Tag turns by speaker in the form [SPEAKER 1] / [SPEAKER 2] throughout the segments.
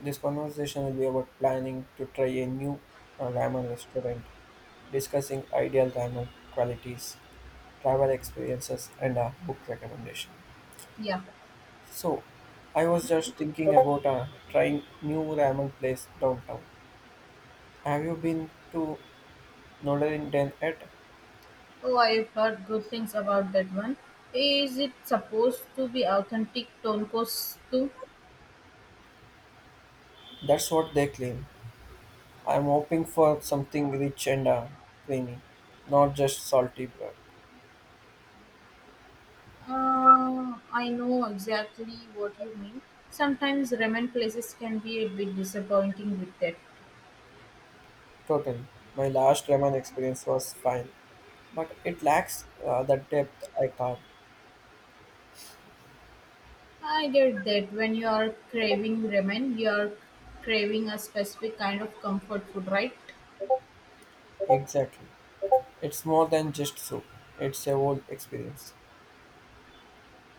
[SPEAKER 1] This conversation will be about planning to try a new ramen restaurant, discussing ideal ramen qualities, travel experiences, and a book recommendation.
[SPEAKER 2] Yeah.
[SPEAKER 1] So, I was just thinking about trying new ramen place downtown. Have you been to Nodarinden yet?
[SPEAKER 2] Oh, I've heard good things about that one. Is it supposed to be authentic tonkos too?
[SPEAKER 1] That's what they claim. I'm hoping for something rich and creamy, not just salty broth.
[SPEAKER 2] I know exactly what you mean. Sometimes ramen places can be a bit disappointing with that.
[SPEAKER 1] Totally. My last Raman experience was fine, but it lacks the depth I carve.
[SPEAKER 2] I get that when you are craving ramen, you are craving a specific kind of comfort food, right?
[SPEAKER 1] Exactly. It's more than just soup, it's a whole experience.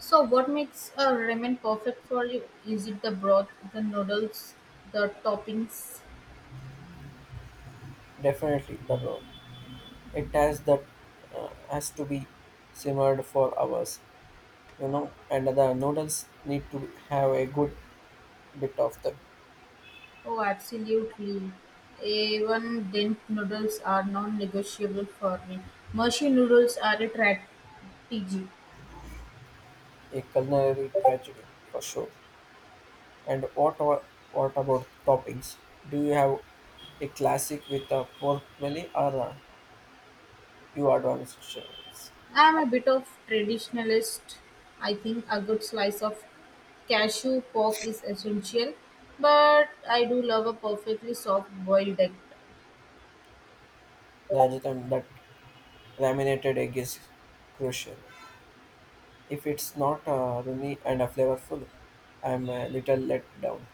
[SPEAKER 2] So, what makes a ramen perfect for you? Is it the broth, the noodles, the toppings?
[SPEAKER 1] Definitely the road. It has that has to be simmered for hours, you know, and the noodles need to have a good bit of the
[SPEAKER 2] Oh, absolutely. Even dent noodles are non-negotiable for me. Mercy noodles are a strategy.
[SPEAKER 1] a culinary tragedy for sure. And what about toppings? Do you have a classic with a pork belly or a You advanced service.
[SPEAKER 2] I am a bit of traditionalist. I think a good slice of cashew pork is essential, but I do love a perfectly soft boiled egg.
[SPEAKER 1] Rather than that, laminated egg is crucial. If it's not runny and flavorful, I'm a little let down.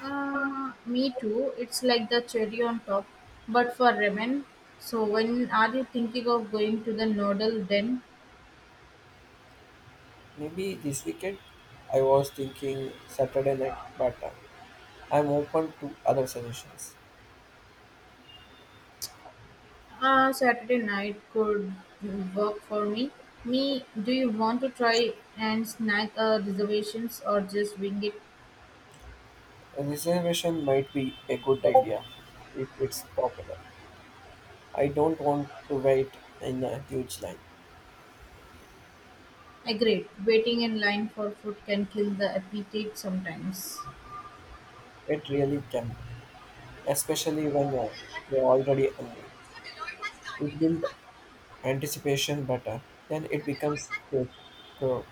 [SPEAKER 2] Me too. It's like the cherry on top, but for ramen. So when are you thinking of going to the noodle den?
[SPEAKER 1] Maybe this weekend, I was thinking Saturday night, but I'm open to other suggestions.
[SPEAKER 2] Saturday night could work for me. Me, do you want to try and snag reservations or just wing it?
[SPEAKER 1] A reservation might be a good idea if it's popular. I don't want to wait in a huge line.
[SPEAKER 2] Agreed. Waiting in line for food can kill the appetite sometimes.
[SPEAKER 1] It really can, especially when you're already hungry. It builds anticipation better, then it becomes a pro.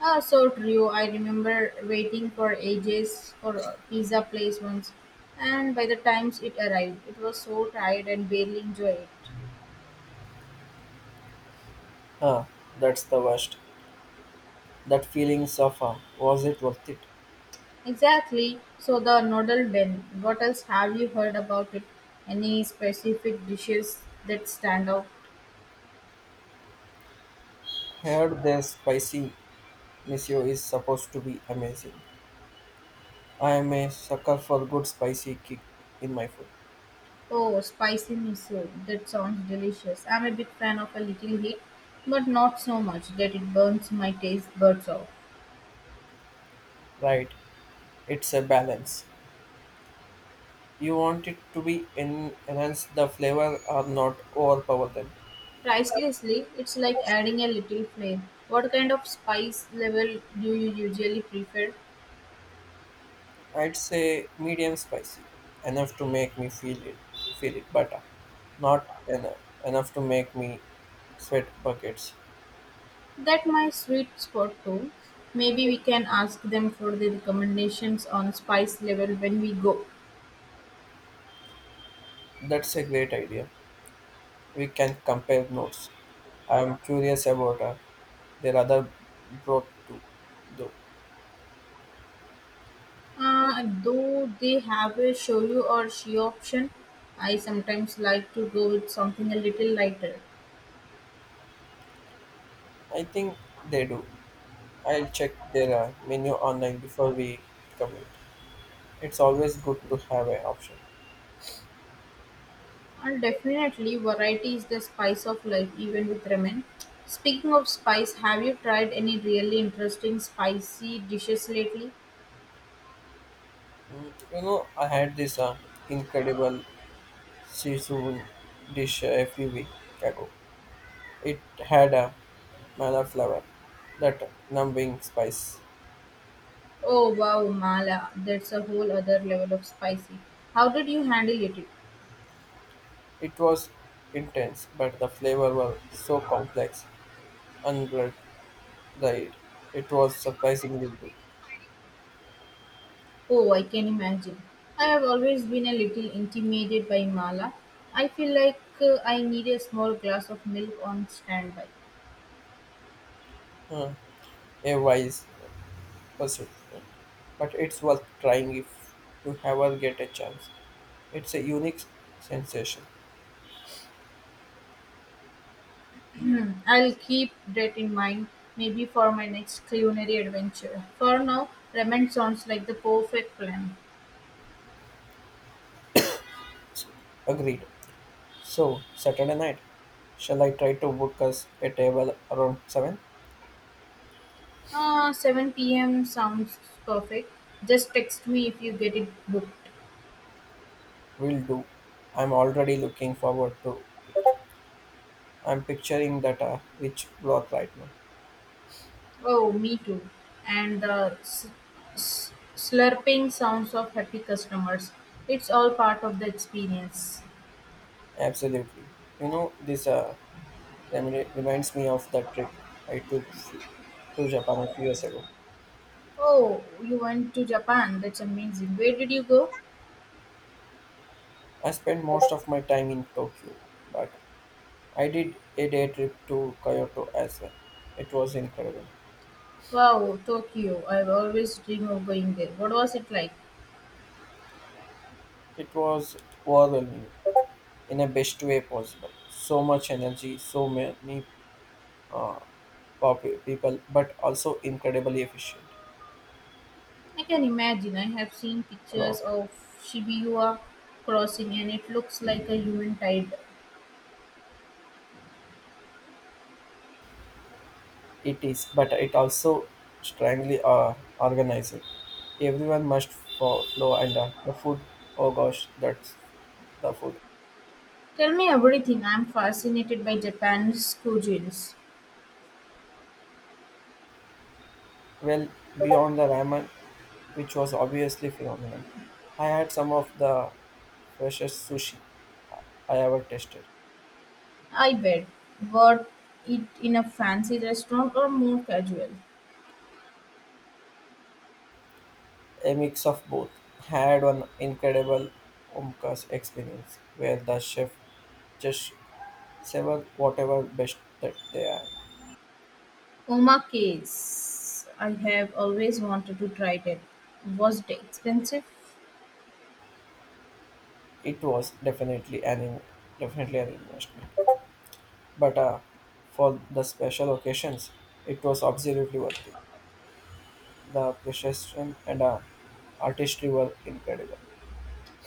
[SPEAKER 2] Ah, so true. I remember waiting for ages for a pizza place once, and by the times it arrived, it was so tired and barely enjoyed it.
[SPEAKER 1] Ah, that's the worst. That feelings of was it worth it?
[SPEAKER 2] Exactly. So the noodle then. What else have you heard about it? Any specific dishes that stand out?
[SPEAKER 1] Heard their spicy miso is supposed to be amazing. I am a sucker for good spicy kick in my food.
[SPEAKER 2] Oh, spicy miso. That sounds delicious. I'm a big fan of a little heat, but not so much that it burns my taste buds off.
[SPEAKER 1] Right, it's a balance. You want it to be enhance the flavor or not overpower them.
[SPEAKER 2] Pricelessly, it's like adding a little flame. What kind of spice level do you usually prefer?
[SPEAKER 1] I'd say medium spicy, enough to make me feel it butter, not enough to make me sweat buckets.
[SPEAKER 2] That my sweet spot too. Maybe we can ask them for the recommendations on spice level when we go.
[SPEAKER 1] That's a great idea. We can compare notes. I'm curious about their other broth too, though.
[SPEAKER 2] Though they have a shoyu or she option, I sometimes like to go with something a little lighter.
[SPEAKER 1] I think they do. I'll check their menu online before we commit. It's always good to have an option.
[SPEAKER 2] And definitely, variety is the spice of life, even with ramen. Speaking of spice, have you tried any really interesting spicy dishes lately?
[SPEAKER 1] Mm, you know, I had this incredible Sichuan dish a few weeks ago. It had a manna flower, that numbing spice.
[SPEAKER 2] Oh wow, Mala, that's a whole other level of spicy. How did you handle it?
[SPEAKER 1] It was intense, but the flavor was so complex and blood dried. It was surprisingly good.
[SPEAKER 2] Oh, I can imagine. I have always been a little intimidated by Mala. I feel like I need a small glass of milk on standby.
[SPEAKER 1] Uh, a wise pursuit, but it's worth trying if you ever get a chance. It's a unique sensation.
[SPEAKER 2] I'll keep that in mind maybe for my next culinary adventure. For now, ramen sounds like the perfect plan.
[SPEAKER 1] Agreed. So, Saturday night, shall I try to book us a table around 7?
[SPEAKER 2] 7 p.m. sounds perfect. Just text me if you get it booked.
[SPEAKER 1] Will do. I'm already looking forward to I'm picturing that rich block right now.
[SPEAKER 2] Oh, me too. And the slurping sounds of happy customers. It's all part of the experience.
[SPEAKER 1] Absolutely. You know, this reminds me of that trip I took f- to Japan a few years ago.
[SPEAKER 2] Oh, you went to Japan. That's amazing. Where did you go?
[SPEAKER 1] I spent most of my time in Tokyo, but I did a day trip to Kyoto as well. It was incredible.
[SPEAKER 2] Wow, Tokyo. I've always dreamed of going there. What was it like?
[SPEAKER 1] It was overwhelming in the best way possible. So much energy, so many people, but also incredibly efficient.
[SPEAKER 2] I can imagine. I have seen
[SPEAKER 1] Hello.
[SPEAKER 2] pictures of Shibuya crossing and it looks like a human tide.
[SPEAKER 1] It is, but it also strangely organized. Everyone must follow, and the food. Oh gosh, that's the food.
[SPEAKER 2] Tell me everything. I'm fascinated by Japan's cuisines.
[SPEAKER 1] Well, beyond the ramen, which was obviously phenomenal, I had some of the freshest sushi I ever tasted.
[SPEAKER 2] I bet. What it in a fancy restaurant or more casual?
[SPEAKER 1] A mix of both. Had one incredible omkas experience where the chef just severed whatever best that they have.
[SPEAKER 2] Omakase. I have always wanted to try that. Was it expensive?
[SPEAKER 1] It was definitely an investment. But for the special occasions, it was absolutely worth it. The precision and artistry were incredible.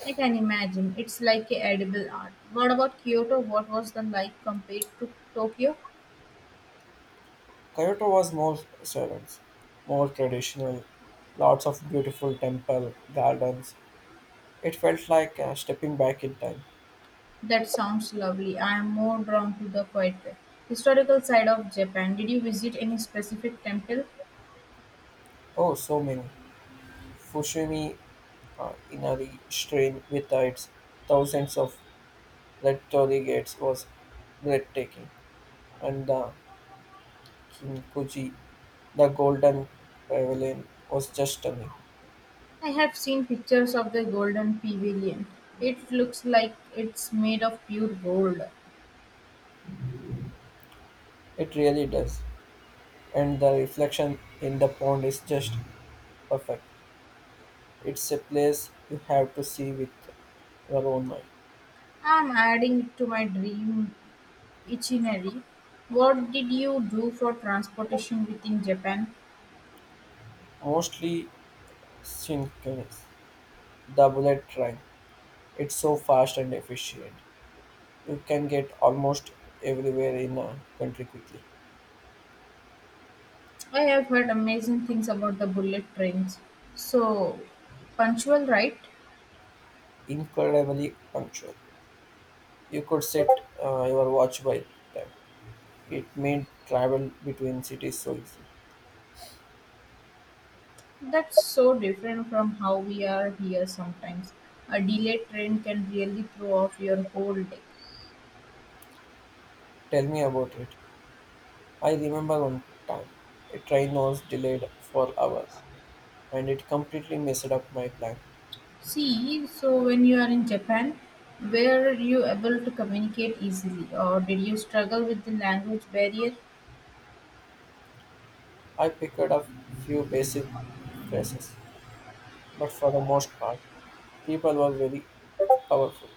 [SPEAKER 2] I can imagine. It's like a edible art. What about Kyoto? What was the like compared to Tokyo?
[SPEAKER 1] Kyoto was more servants, more traditional, lots of beautiful temple gardens. It felt like stepping back in time.
[SPEAKER 2] That sounds lovely. I am more drawn to the quiet historical side of Japan. Did you visit any specific temple?
[SPEAKER 1] Oh, so many. Fushimi Inari Shrine with its thousands of red torii gates was breathtaking, and the Kinkuji the golden pavilion was just stunning.
[SPEAKER 2] I have seen pictures of the golden pavilion. It looks like it's made of pure gold.
[SPEAKER 1] It really does. And the reflection in the pond is just perfect. It's a place you have to see with your own eyes.
[SPEAKER 2] I'm adding it to my dream itinerary. What did you do for transportation within Japan?
[SPEAKER 1] Mostly synchronous. The bullet train. It's so fast and efficient. You can get almost everywhere in a country quickly.
[SPEAKER 2] I have heard amazing things about the bullet trains. So punctual, right?
[SPEAKER 1] Incredibly punctual. You could set your watch by them. It made travel between cities so easy.
[SPEAKER 2] That's so different from how we are here sometimes. A delayed train can really throw off your whole day.
[SPEAKER 1] Tell me about it. I remember one time a train was delayed for hours and it completely messed up my plan.
[SPEAKER 2] See, so when you are in Japan, were you able to communicate easily or did you struggle with the language barrier?
[SPEAKER 1] I picked up few basic phrases, but for the most part, people were very powerful.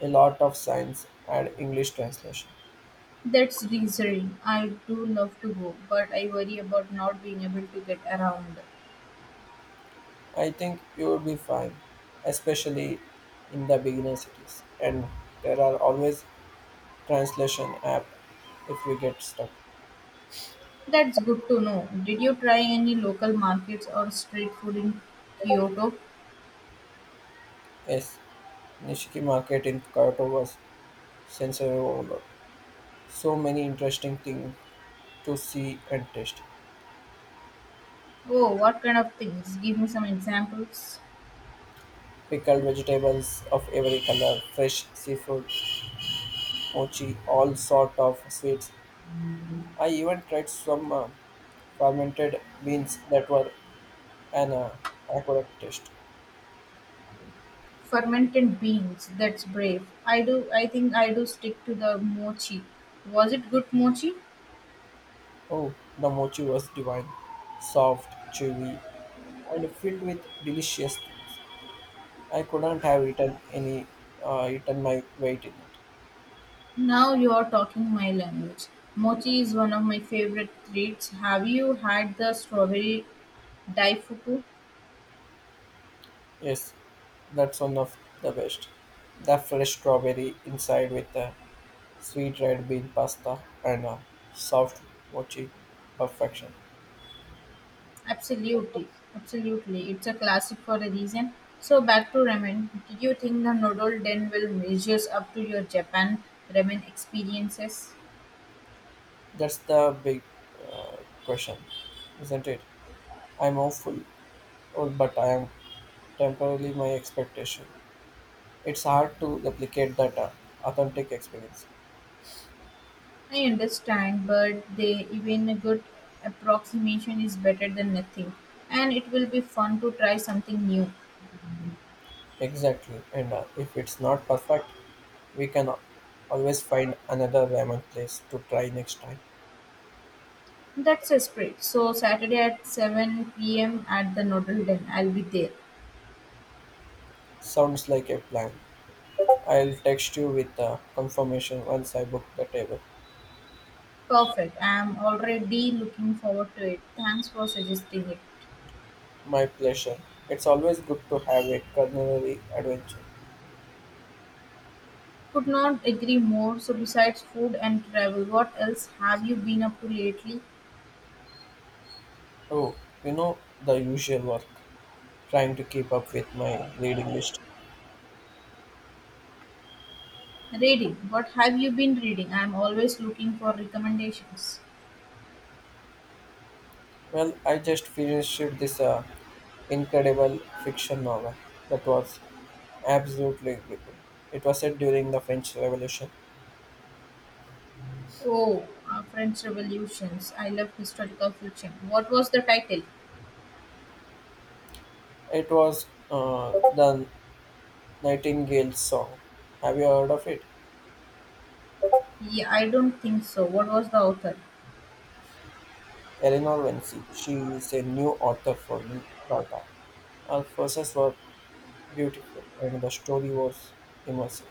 [SPEAKER 1] A lot of signs and English translation.
[SPEAKER 2] That's reassuring. I do love to go, but I worry about not being able to get around.
[SPEAKER 1] I think you will be fine, especially in the beginner cities. And there are always translation app if we get stuck.
[SPEAKER 2] That's good to know. Did you try any local markets or street food in Kyoto?
[SPEAKER 1] Yes, Nishiki market in Kyoto was sensory overload. So many interesting things to see and taste.
[SPEAKER 2] Oh, what kind of things? Give me some examples.
[SPEAKER 1] Pickled vegetables of every color, fresh seafood, mochi, all sort of sweets. I even tried some fermented beans that were an accurate taste.
[SPEAKER 2] Fermented beans. That's brave. I do. I think I do stick to the mochi. Was it good mochi?
[SPEAKER 1] Oh, the mochi was divine, soft, chewy, and filled with delicious things. I couldn't have eaten any, eaten my weight in it.
[SPEAKER 2] Now you are talking my language. Mochi is one of my favorite treats. Have you had the strawberry daifuku?
[SPEAKER 1] Yes, that's one of the best. The fresh strawberry inside with the sweet red bean pasta, and a soft mochi perfection.
[SPEAKER 2] Absolutely, absolutely. It's a classic for a reason. So back to ramen. Do you think the noodle den will measures up to your Japan ramen experiences?
[SPEAKER 1] That's the big uh, question, isn't it? I'm hopeful, oh, but I am temporarily my expectation. It's hard to replicate that authentic experience.
[SPEAKER 2] I understand, but they even a good approximation is better than nothing, and it will be fun to try something new.
[SPEAKER 1] Exactly, and if it's not perfect, we can al- always find another ramen place to try next time.
[SPEAKER 2] That's a spirit. So Saturday at 7 p.m. at the noodle den. I'll be there.
[SPEAKER 1] Sounds like a plan. I'll text you with the confirmation once I book the table.
[SPEAKER 2] Perfect. I'm already looking forward to it. Thanks for suggesting it.
[SPEAKER 1] My pleasure. It's always good to have a culinary adventure.
[SPEAKER 2] Could not agree more. So besides food and travel, what else have you been up to lately?
[SPEAKER 1] Oh, you know, the usual work, trying to keep up with my reading list.
[SPEAKER 2] Reading. What have you been reading? I am always looking for recommendations.
[SPEAKER 1] Well, I just finished this incredible fiction novel that was absolutely gripping. It was set during the French Revolution.
[SPEAKER 2] Oh, French Revolutions. I love historical fiction. What was the title?
[SPEAKER 1] It was the Nightingale's Song. Have you heard of it?
[SPEAKER 2] Yeah, I don't think so. What was the author?
[SPEAKER 1] Eleanor Vinci. She is a new author for New Data. Her verses were beautiful and the story was immersive.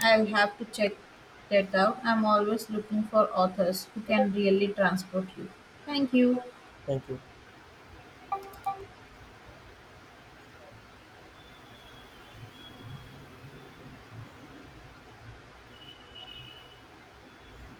[SPEAKER 2] I'll have to check that out. I'm always looking for authors who can really transport you. Thank you.
[SPEAKER 1] Thank you.